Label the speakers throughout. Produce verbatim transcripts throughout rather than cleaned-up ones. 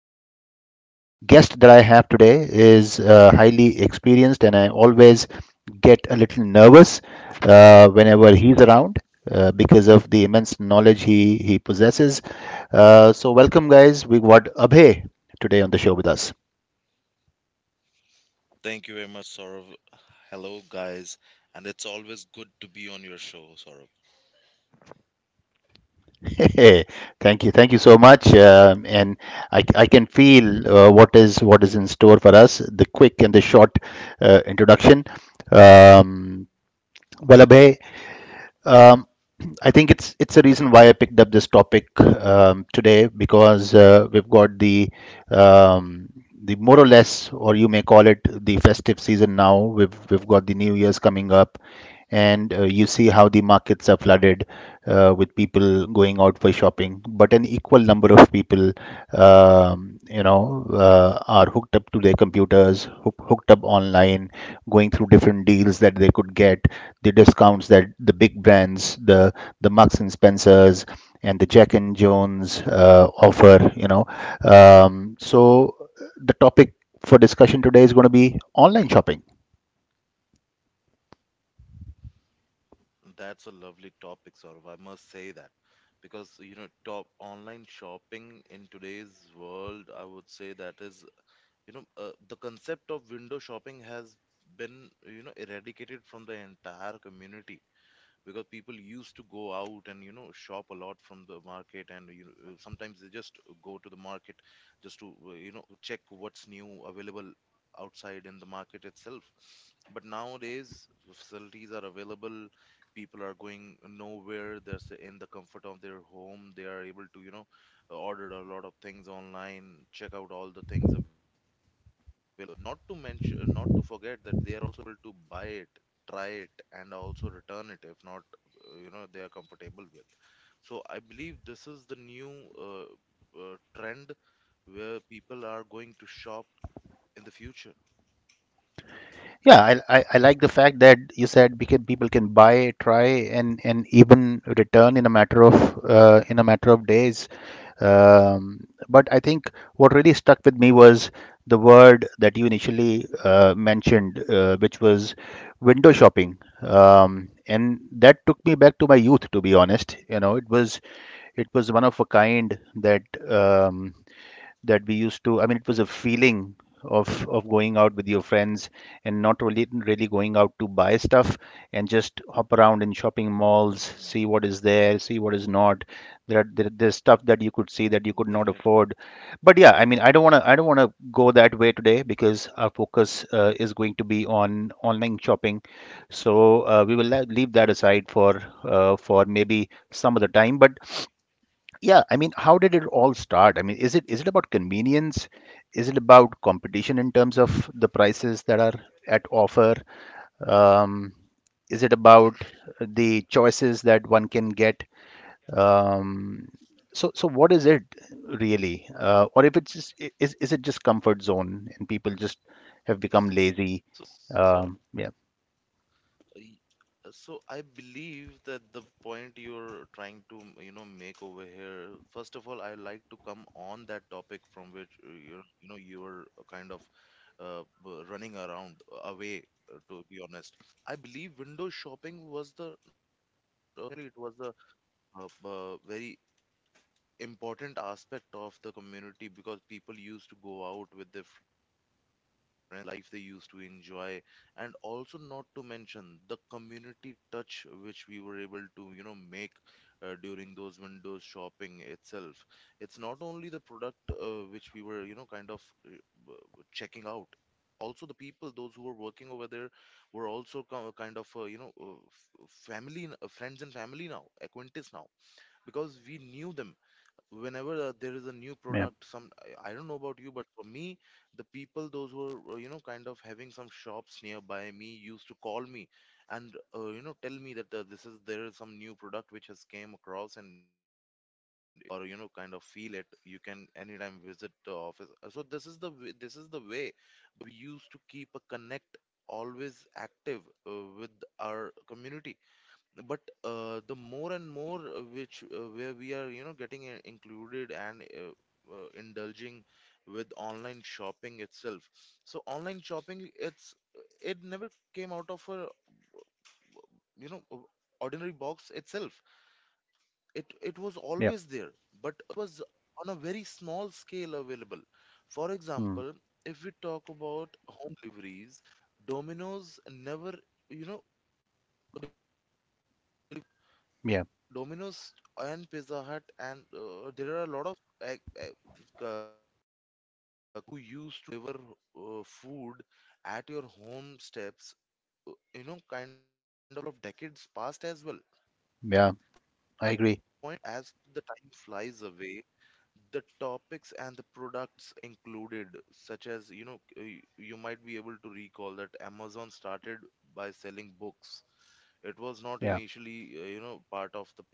Speaker 1: the the guest that I have today is uh, highly experienced, and I always get a little nervous uh, whenever he's around. Uh, because of the immense knowledge he he possesses. Uh, so welcome, guys. We got Abhay today on the show with us.
Speaker 2: Thank you very much, Saurav. Hello, guys. It's always good to be on your show, Saurav.
Speaker 1: Hey! Thank you, thank you so much. Um, and I, I can feel uh, what is what is in store for us. The quick and the short uh, introduction. Um, Vallabhai, um, I think it's it's a reason why I picked up this topic um, today, because uh, we've got the um, the more or less, or you may call it, the festive season now. We've we've got the New Year's coming up, and uh, you see how the markets are flooded uh, with people going out for shopping. But an equal equal number of people, um, you know, uh, are hooked up to their computers, hook, hooked up online, going through different deals that they could get, the discounts that the big brands, the the Marks and Spencers, and the Jack and Jones uh, offer, you know. Um, so the topic for discussion today is going to be online shopping.
Speaker 2: That's a lovely topic, Saurav. I must say that because you know, top online shopping in today's world, I would say that is you know, uh, the concept of window shopping has been you know eradicated from the entire community. Because people used to go out and you know shop a lot from the market and you know, uh, sometimes they just go to the market just to uh, you know check what new available outside in the market itself, but nowadays facilities are available, people are going nowhere, they're in the comfort of their home, they are able to you know order a lot of things online, check out all the things available. Not to mention, not to forget that they are also able to buy it, try it, and also return it if not, uh, you know, they are comfortable with. So I believe this is the new uh, uh, trend where people are going to shop in the future.
Speaker 1: Yeah, I, I, I like the fact that you said we can, people can buy, try, and and even return in a matter of, uh, in a matter of days. Um, but I think what really stuck with me was the word that you initially uh, mentioned, uh, which was window shopping, um, and that took me back to my youth. To be honest, you know, it was, it was one of a kind, that. Um, that we used to, I mean, it was a feeling of of going out with your friends, and not really really going out to buy stuff, and just hop around in shopping malls, see
Speaker 2: Hmm.
Speaker 1: what is there, see what is not. there are there, there's stuff that you could see that you could not afford.
Speaker 2: Definitely.
Speaker 1: But yeah, I mean, i don't want to I don't want to go that way today, because our focus uh, is going to be on online shopping. So uh, we will le- leave that aside for, uh, for maybe some other time. But yeah, I mean, how did it all start? I mean, is it is it about convenience? Is it about competition in terms of the prices that are at offer? Um, is it about the choices that one can get? Um, so so what is it really? Uh, or if it's just, i- is is it just comfort zone and people just have become lazy? Um, yeah,
Speaker 2: So, Y- uh, So I believe that the point you're trying to, you know, make over here, first of all, I like to come on that topic from which uh, you're, you know, you're kind of uh, b- running around uh, away, uh, to be honest. I believe window shopping was the, uh, really it was the uh, b- uh, very important aspect of the community because people used to go out with their life, they used to enjoy, and also not to mention the community touch which we were able to, you know, make uh, during those windows shopping itself. It's not only the product uh, which we were, you know, kind of uh, b- checking out. Also, the people, those who were working over there, were also co- kind of, uh, you know, uh, f- family, n- uh, friends and family now, acquaintance now, because we knew them whenever uh, there is a new
Speaker 1: yeah,
Speaker 2: product some i I don't know about you, but for me the people those who are uh, you know kind of having some shops nearby me used to call me and uh, you know tell me that uh, this is there is some new product which has came across and or you know kind of feel it, you can anytime visit the office. Uh, so this is the way, this is the way we used to keep a connect always active uh, with our community, but uh, the more and more uh, which uh, where we are you know getting uh, included and uh, uh, indulging with online shopping itself. So online shopping, it's it never came out of a you know o- ordinary box itself, it it was
Speaker 1: yeah,
Speaker 2: always there, but it was on a very small scale available, for
Speaker 1: mm,
Speaker 2: example, if we talk about home deliveries, Domino's never you know,
Speaker 1: yeah,
Speaker 2: Domino's and Pizza Hut and uh, there are a lot of uh, who used to deliver uh, food at your home steps, uh, you know, kind of decades past as well.
Speaker 1: yeah. I agree.
Speaker 2: Point as the time flies away, the topics and the products included, such as, you know, uh, y- you might be able to recall that Amazon started by selling books. It was
Speaker 1: Yeah,
Speaker 2: not initially, uh, you know, part of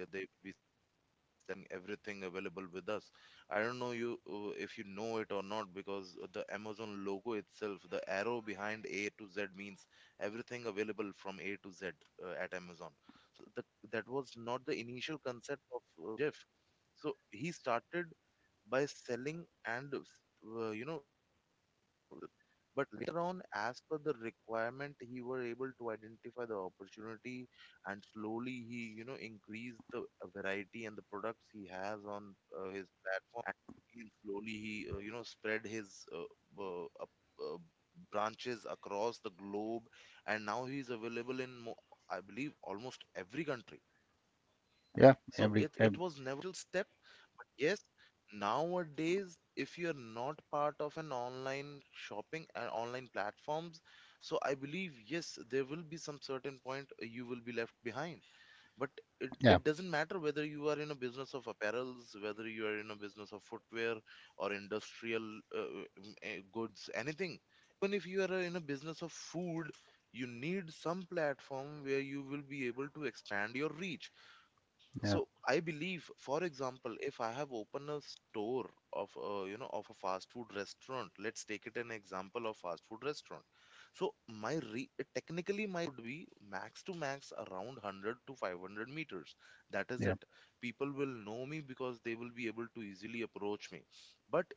Speaker 2: Satya, they will be selling everything available with us. I don't know you uh, if you know it or not, because the Amazon logo itself, the arrow behind A to Z means everything available from A to Z uh, at Amazon. So the, that was not the initial concept of uh, Jeff. So he started by selling and uh, you know, but later on, as per the requirement, he were able to identify the opportunity and slowly he you know increased the variety and the products he has on uh, his platform, and he slowly he uh, you know spread his uh, uh, up, uh, branches across the globe, and now he's available in mo- I believe almost every country. So
Speaker 1: yeah.
Speaker 2: it it
Speaker 1: Every,
Speaker 2: was
Speaker 1: ev
Speaker 2: never little step. Yes, nowadays if you're not part of an online shopping and online platforms, so I believe yes there will be some certain point uh, you will be left behind. But it,
Speaker 1: Yeah,
Speaker 2: it doesn't matter whether you are in a business of apparels, whether you are in a business of footwear or industrial uh, mm, eh, goods, anything. Even if you are in a business of food, you need some platform where you will be able to expand your reach.
Speaker 1: yeah,
Speaker 2: So I believe, for example, if I have opened a store of a, you know of a fast food restaurant, let's take it an example of fast food restaurant. So my re- technically might would be max to max around one hundred to five hundred meters.
Speaker 1: yeah,
Speaker 2: That is it. People will know me because they will be able to easily approach me.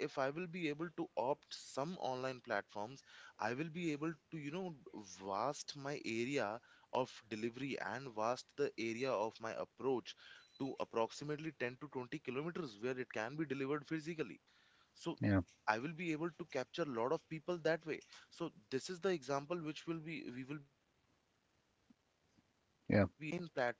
Speaker 2: But if I will be able to opt some online platforms, I will be able to, you know, vast my area of delivery and vast the area of my approach to approximately ten to twenty kilometers where it can be delivered physically.
Speaker 1: yeah.
Speaker 2: So I will be able to capture a lot of people that way. So this is the example which will be we will
Speaker 1: Yeah.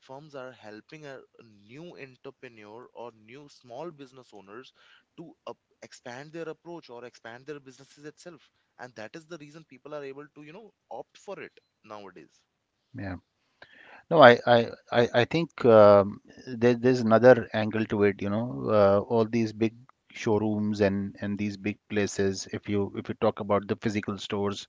Speaker 2: V P N platforms are helping a a new entrepreneur or new small business owners to up, expand their approach or expand their businesses itself. And that is the reason people are able to, you know, opt for it nowadays.
Speaker 1: Yeah. No, I I I I think um, there, there's another angle to it, you know, uh, all these big showrooms and and these big places. If you if you talk about the physical stores,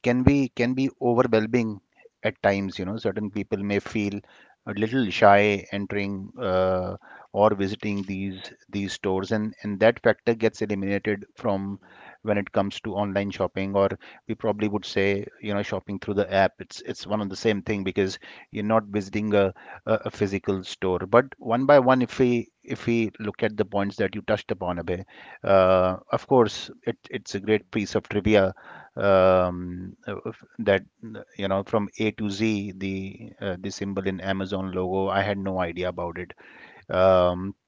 Speaker 1: can be can be overwhelming at times. You know certain people may feel a little shy entering, uh, or visiting these these stores, and and that factor gets eliminated from, when it comes
Speaker 2: Mhm.
Speaker 1: to online shopping. Or we probably would say, you know shopping through the app, it's it's one of the same thing, because you're not visiting a, a, a physical store. But one by one, if we, if we look at the points that you touched upon, Abhay, uh, of course, it, it's a great piece
Speaker 2: Mhm.
Speaker 1: of trivia, um, uh, f- that, uh, you know from A to Z, the uh, the symbol in Amazon logo. I had no idea about it. Um,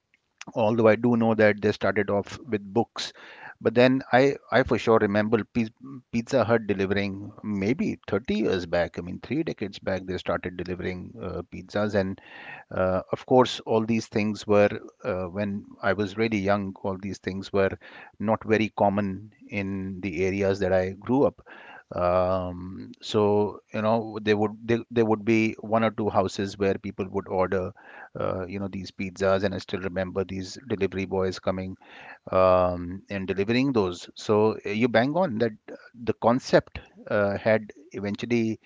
Speaker 1: although I do know that they started off with books, but then I I for sure remember, Piz- Pizza Hut delivering maybe thirty years back. I mean, three decades back they started delivering uh, pizzas. And uh, of course, all these things were, uh, when I was really young, all these things were not very common in the areas that I grew up. Um, so, you know, there would, there, there would be one or two houses where people would order, uh, you know, these pizzas, and I still remember these delivery boys coming um, and delivering those. So uh, you bang on that, uh, the concept uh, had eventually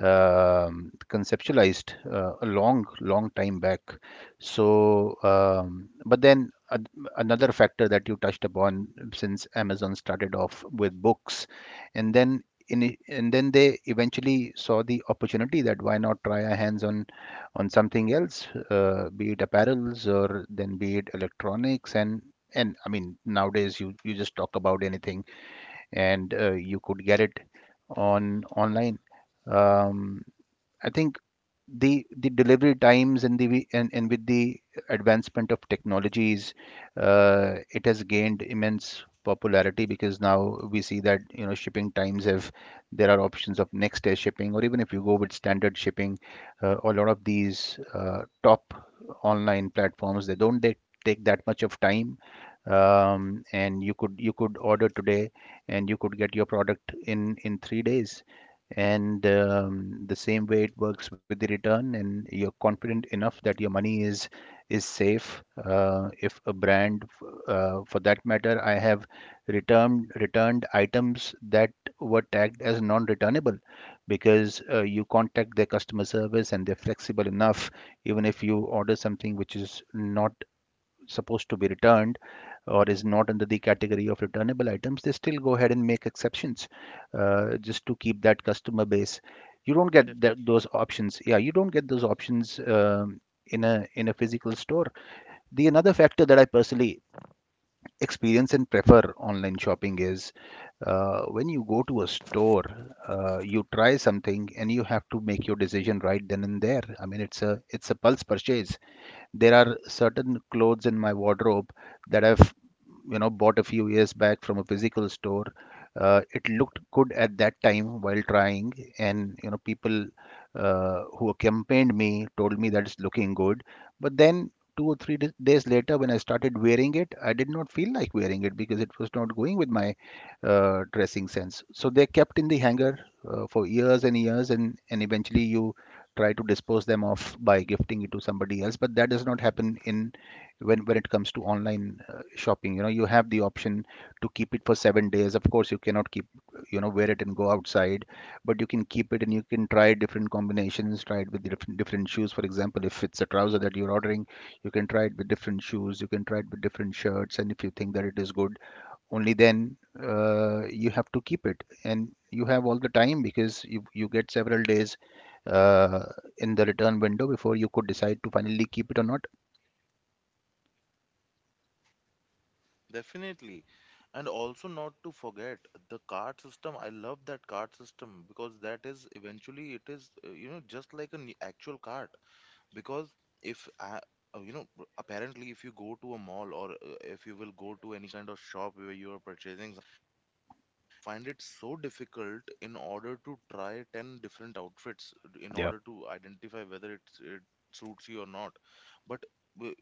Speaker 1: um, conceptualized uh, a long, long time back. So, um, but then, a- another factor that you touched upon, since Amazon started off with books, and then, in, and then they eventually saw the opportunity that, why not try our hands on on something else, uh, be it apparels, or then be it electronics. And and I mean, nowadays you you just talk about anything, and uh, you could get it on online. Um, I think the the delivery times, and the wi- and, and with the advancement of technologies, uh, it has gained immense popularity, because now we see that, you know shipping times have, there are options of next day shipping, or even if you go with standard shipping, uh, a lot of these uh, top online platforms, they don't they take that much of time, um, and you could, you could order today, and you could get your product in, in three days. And um, the same way it works with the return, and you're confident enough that your money is is safe. Uh, if a brand, uh, for that matter, I have returned returned items that were tagged as non-returnable, because uh, you contact their customer service and they're flexible enough. Even if you order something which is not supposed to be returned, or is not under the category of returnable items, they still go ahead and make exceptions, uh, just to keep that customer base. You don't
Speaker 2: Yeah,
Speaker 1: get that, those
Speaker 2: definitely.
Speaker 1: options. Yeah, you don't get those options, um, in a, in a physical store. The another factor that I personally experience and prefer online shopping is, uh, when you go to a store, uh, you try something and you have to make your decision right then and there. I mean, it's a, it's a pulse purchase. There are certain clothes in my wardrobe that I've, you know bought a few years back from a physical store. Uh, it looked good at that time while trying, and you know people uh, who accompanied me told me that it's looking good. But then, two or three d- days later, when I started wearing it, I did not feel like wearing it, because it was not going with my uh, dressing sense, so they kept in the hanger uh, for years and years, and and eventually you try to dispose them off by gifting it to somebody else. But that does not happen in, when when it comes to online uh, shopping. You know you have the option to keep it for seven days. Of course, you cannot keep, you know wear it and go outside, but you can keep it and you can try different combinations, try it with, different different shoes. For example, if it's a trouser that you're ordering, you can try it with different shoes, you can try it with different shirts, and if you think that it is good, only then uh, you have to keep it. And you have all the time because you you get several days uh, in the return window, before you could decide to finally keep it or not.
Speaker 2: Definitely. And also not to forget the card system. I love that card system because that is eventually it is, uh, you know, just like an actual card. Because if I, uh, you know apparently if you go to a mall or if you will go to any kind of shop where you are purchasing, find it so difficult in order to try ten different outfits in order to identify whether it's, it suits you or not. But w-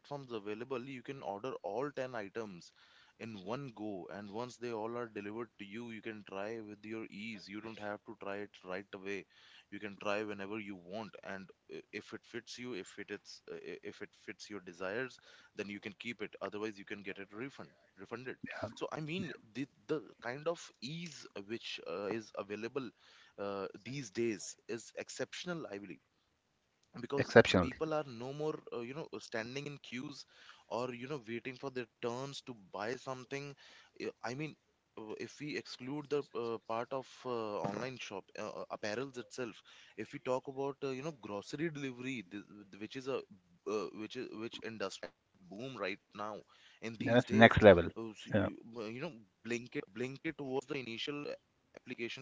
Speaker 2: in platforms available, you can order all ten items in one go. And once they all are delivered to you, you can try with your ease. You don't have to try it right away. You can try whenever you want. And uh, if it fits you, if it is, uh, i- if it fits your desires, then you can keep it. Otherwise, you can get it refund, refunded. So I mean, the the kind of ease which uh, is available uh, these days is exceptional, I believe, because
Speaker 1: Exceptional.
Speaker 2: people are no more uh, you know standing in queues or you know waiting for their turns to buy something. Uh, i mean uh, if we exclude the uh, part of uh, online shop uh, uh, apparels itself, if we talk about uh, you know grocery delivery th- which is a uh, which is which industry that boom right now
Speaker 1: That's
Speaker 2: in
Speaker 1: next
Speaker 2: these
Speaker 1: level.
Speaker 2: days. Oh,
Speaker 1: Yeah,
Speaker 2: so you, well, you know, Blinkit, Blinkit was the initial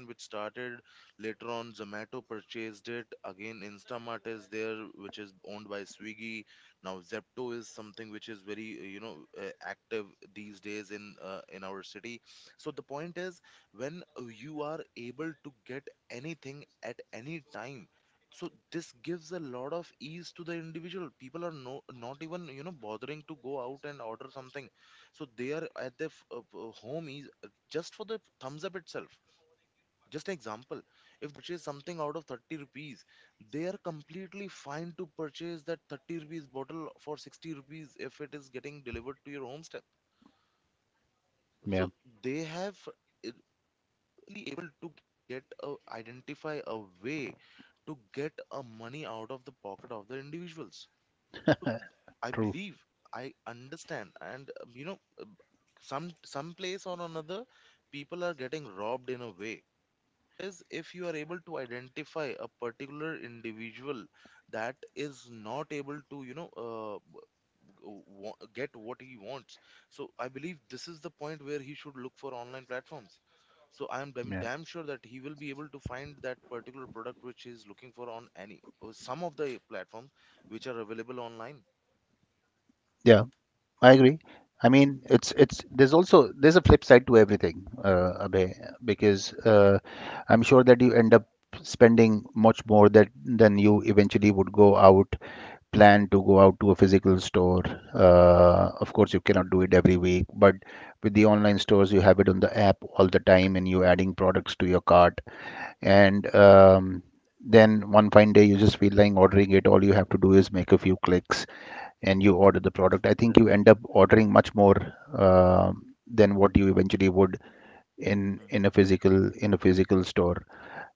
Speaker 2: application which started. Later on, Zomato purchased it. Again, Instamart is there, which is owned by Swiggy. Now, Zepto is something which is very, uh, you know, uh, active these days in uh, in our city. So the point is, when you are able to get anything at any time, so this gives a lot of ease to the individual. People are no, not even you know bothering to go out and order something, so they are at their f- uh, uh, home is uh, just for the thumbs up itself. Just an example, if purchase something out of thirty rupees, they are completely fine to purchase that thirty rupees bottle for sixty rupees if it is getting delivered to your home step.
Speaker 1: yeah,
Speaker 2: So they have uh, really able to get a, identify a way to get a money out of the pocket of the individuals.
Speaker 1: true.
Speaker 2: I believe I understand, and um, you know, some some place or another, people are getting robbed in a way. Is if you are able to identify a particular individual that is not able to, you know, uh, w- wa- get what he wants. So I believe this is the point where he should look for online platforms. So I'm, i
Speaker 1: Yeah.
Speaker 2: damn sure that he will be able to find that particular product which he's looking for on any or some of the platforms which are available online.
Speaker 1: Yeah, I agree. I mean, it's it's there's also there's a flip side to everything, uh, Abhay, because uh, I'm sure that you end up spending much more that than you eventually would go out, plan to go out to a physical store. Uh, of course, you cannot do it every week, but with the online stores, you have it on the app all the time, and you're adding products to your cart. And um, then one fine day, you just feel like ordering it. All you have to do is make a few clicks and you order the product. I think you end up
Speaker 2: Definitely.
Speaker 1: ordering much more uh, than what you eventually would in in a
Speaker 2: Hmm.
Speaker 1: physical in a physical store.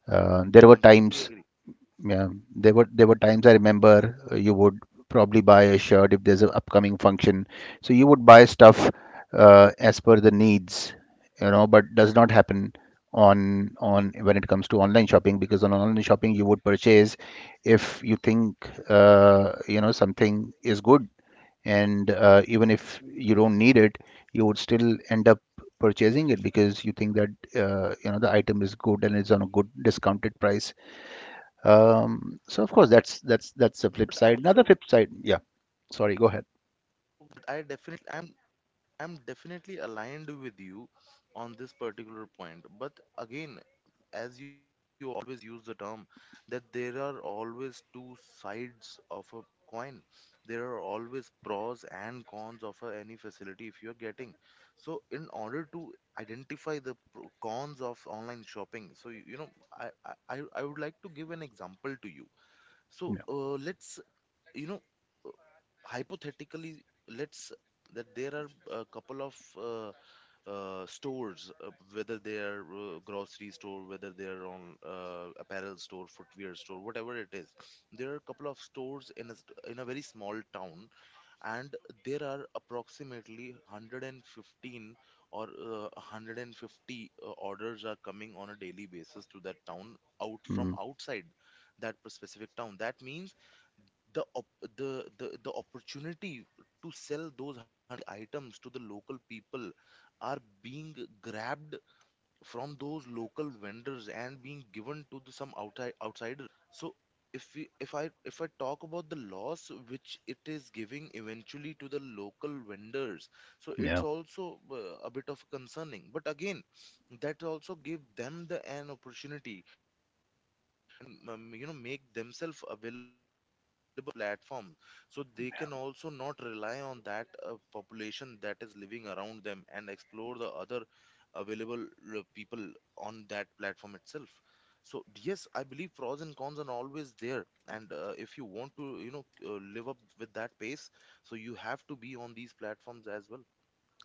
Speaker 1: Uh, there were
Speaker 2: I
Speaker 1: times,
Speaker 2: completely agree.
Speaker 1: yeah, there were there were times I remember. Uh, you would probably buy a shirt if there's an upcoming function. So you would buy stuff uh, as per the needs, you know, but does not happen on on when it comes to online shopping, because on online shopping you would purchase if you think uh, you know something is good, and uh, even if you don't need it, you would still end up purchasing it because you think that uh, you know the item is good and it's on a good discounted price. Um, so of course, that's that's that's the flip side. Another
Speaker 2: But
Speaker 1: flip
Speaker 2: I
Speaker 1: side.
Speaker 2: also,
Speaker 1: Yeah. Sorry, go ahead.
Speaker 2: but I definitely, I'm, I'm definitely aligned with you on this particular point. But again, as you, you always use the term that there are always two sides of a coin. There are always pros and cons of a, any facility if you're getting. So in order to identify the pro- cons of online shopping, so you, you know, I, I, I I would like to give an example to you. So
Speaker 1: Yeah.
Speaker 2: uh, let's, you know, hypothetically, let's that there are a couple of uh, uh, stores, uh, whether they are uh, grocery store, whether they are on uh, apparel store, footwear store, whatever it is. There are a couple of stores in a st- in a very small town, and there are approximately one hundred fifteen or uh, one hundred fifty uh, orders are coming on a daily basis to that town out from
Speaker 1: Mm,
Speaker 2: outside that p- specific town. That means the op- the the the opportunity to sell those hand items to the local people are being grabbed from those local vendors and being given to the, some outside outsider. So if we if i if I talk about the loss which it is giving eventually to the local vendors, so
Speaker 1: yeah.
Speaker 2: it's also uh, a bit of concerning. But again, that also give them the an opportunity, and um, you know make themselves available platform so they can also not rely on that uh, population that is living around them and explore the other available uh, people on that platform itself. So yes, I believe pros and cons are always there, and uh, if you want to you know uh, live up with that pace, so you have to be on these platforms as well.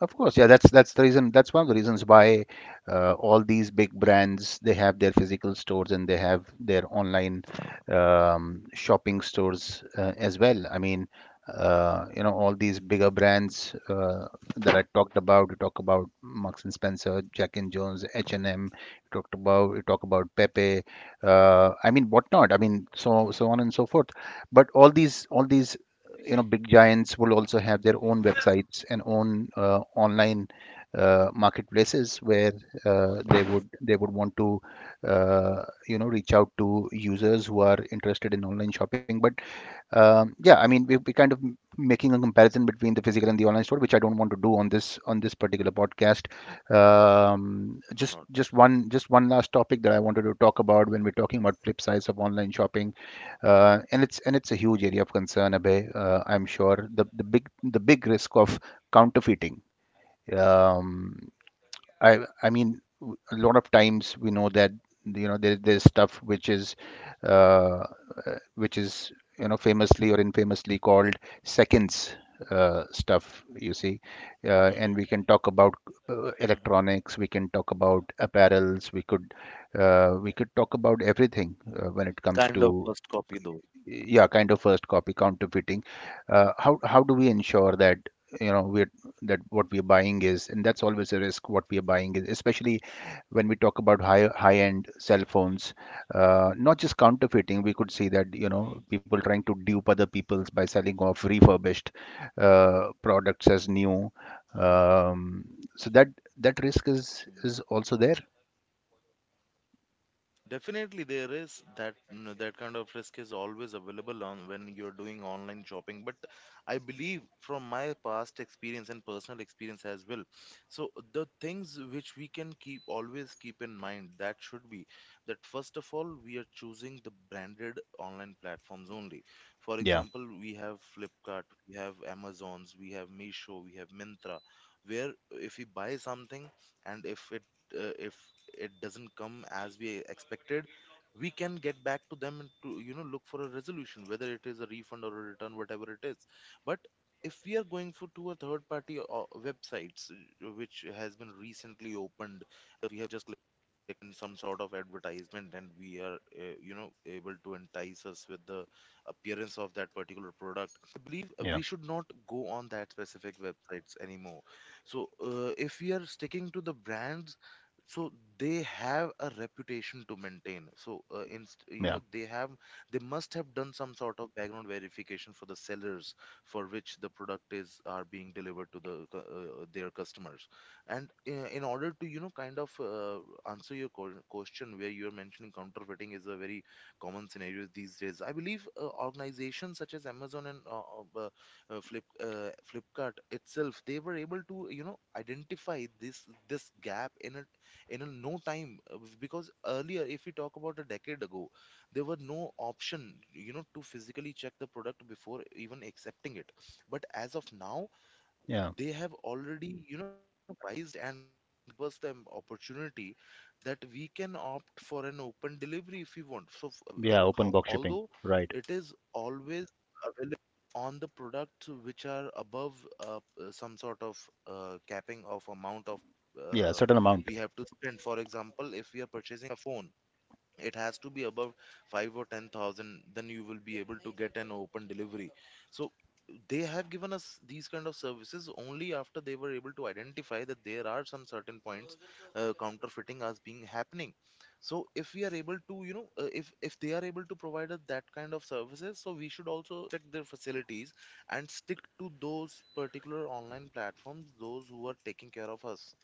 Speaker 1: Of course, yeah, that's that's the reason. That's one of the reasons why uh, all these big brands, they have their physical stores and they have their online, um, shopping stores uh, as well. I mean, uh, you know, all these bigger brands uh, that I talked about. We talk about Marks and Spencer, Jack and Jones, H and M. We talked about, we talk about Pepe. Uh, I mean, whatnot. I mean, so so on and so forth. But all these all these you know big giants will also have their own websites and own uh, online uh, marketplaces where uh, they would they would want to uh, you know reach out to users who are interested in online shopping. But um, yeah, I mean, we, we're kind of m- making a comparison between the physical and the online store, which I don't want to do on this on this particular podcast. Um, just
Speaker 2: Of
Speaker 1: just
Speaker 2: course not.
Speaker 1: one just one last topic that I wanted to talk about when we're talking about flip sides of online shopping, uh, and it's and it's a huge area of concern, Abhay. Uh, I'm sure the the big the big risk of counterfeiting. Um, I I mean, w- a lot of times we know that you know there, there's stuff which is uh, uh, which is you know famously or infamously called seconds uh, stuff. You see, uh, and we can talk
Speaker 2: Mhm.
Speaker 1: about uh,
Speaker 2: Mhm.
Speaker 1: electronics. We can talk about apparels. We could uh, we could talk about everything uh, when it comes
Speaker 2: Kind of
Speaker 1: to,
Speaker 2: first copy though.
Speaker 1: yeah, kind of first copy counterfeiting. Uh, how how do we ensure that you know we're, that what we're buying is, and that's always a risk, what we are buying is, especially when we talk about high high end cell phones. Uh, not just counterfeiting, we could see that you know
Speaker 2: Mhm.
Speaker 1: people trying to dupe other people's by selling off refurbished uh, products as new.
Speaker 2: Mhm.
Speaker 1: um, so that that risk is
Speaker 2: Mhm.
Speaker 1: is also there.
Speaker 2: Definitely, there is that that kind of risk is always available on when you're doing online shopping. But I believe from my past experience and personal experience as well. So the things which we can keep always keep in mind that should be, first of all, we are choosing the branded online platforms only. For
Speaker 1: Yeah,
Speaker 2: example, we have Flipkart, we have Amazon's, we have Meesho, we have Mintra, where if we buy something and if it uh, if it doesn't come as we expected, we can get back to them and to you know look for a resolution, whether it is a refund or a return, whatever it is. But if we are going for to a third party uh, websites uh, which has been recently opened, we have just clicked in some sort of advertisement and we are uh, you know able to entice us with the appearance of that particular product. I
Speaker 1: yeah,
Speaker 2: believe uh, we should not go on that specific websites anymore. So uh, if we are sticking to the brands, so they have a reputation to maintain. So uh, in, you know
Speaker 1: yeah,
Speaker 2: they have they must have done some sort of background verification for the sellers for which the product is are being delivered to the cu- uh, uh, their customers. And uh, in order to you know kind of uh, answer your ques- question, where you are mentioning counterfeiting is a very common scenario these days. I believe uh, organizations such as Amazon and uh, uh, uh, Flip uh, Flipkart itself, they were able to you know identify this this gap in a in a no time uh, because earlier, if we talk about a decade ago, there were no option you know to physically check the product before even accepting it. But as of now,
Speaker 1: yeah,
Speaker 2: they have already you know priced and give us the opportunity that we can opt for an open delivery if we want. So f- uh,
Speaker 1: yeah,
Speaker 2: uh,
Speaker 1: open
Speaker 2: how,
Speaker 1: box shipping,
Speaker 2: although
Speaker 1: right,
Speaker 2: it is always, well, on the products which are above uh, p- some sort of uh, capping of amount of
Speaker 1: yeah,
Speaker 2: uh,
Speaker 1: certain amount,
Speaker 2: we have to spend. For example, if we are purchasing a phone, it has to be above five or ten thousand. Then you will be able to get an open delivery. So they have given us these kind of services only after they were able to identify that there are some certain points uh, counterfeiting as being happening. So if we are able to you know uh, if if they are able to provide us that kind of services, so we should also check their facilities and stick to those particular online platforms those who are taking care of us.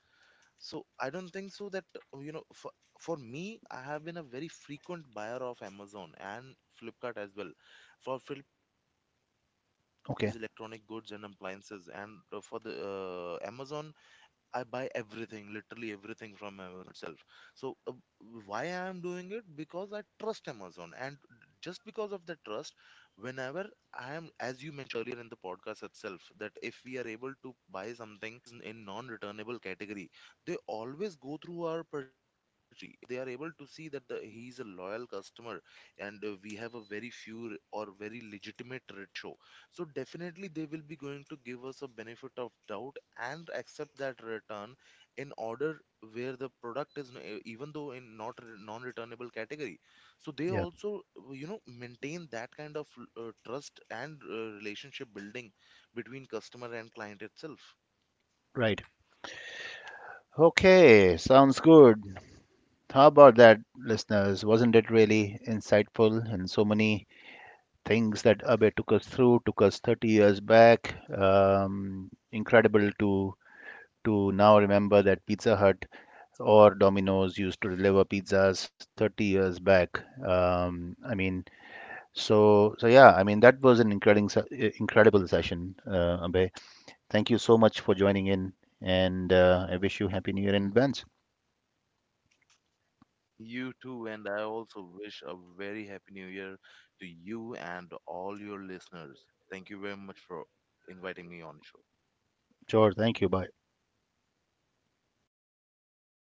Speaker 2: So I don't think so that you know for, for me, I have been a very frequent buyer of Amazon and Flipkart as well. For Flipkart
Speaker 1: okay.
Speaker 2: is electronic goods and appliances, and for the uh, Amazon, I buy everything, literally everything from Amazon itself. So uh, why I am doing it? Because I trust Amazon, and just because of the trust, whenever I am, as you mentioned earlier in the podcast itself, that if we are able to buy something in non-returnable category, they always go through our purchase history. They are able to see that the, he is a loyal customer, and uh, we have a very few or very legitimate show. So definitely they will be going to give us a benefit of doubt and accept that return in order where the product is n- even though in not re- non-returnable category. So they
Speaker 1: Yeah,
Speaker 2: also you know maintain that kind of uh, trust and uh, relationship building between customer and client itself.
Speaker 1: right. Okay, sounds good. How about that, listeners? Wasn't it really insightful? And so many things that Abe took us through, took us thirty years back. Um, incredible to to now remember that Pizza Hut or Domino's used to deliver pizzas thirty years back. Um, I mean, so so yeah, I mean that was an incredible se- eh, incredible session, uh, Abe. Thank you so much for joining in, and uh, I wish you happy New Year in advance.
Speaker 2: Mm. You too, and I also wish a very happy new year to you and all your listeners. Thank you very much for inviting me on the
Speaker 1: Sure. Thank you. Bye.
Speaker 2: show.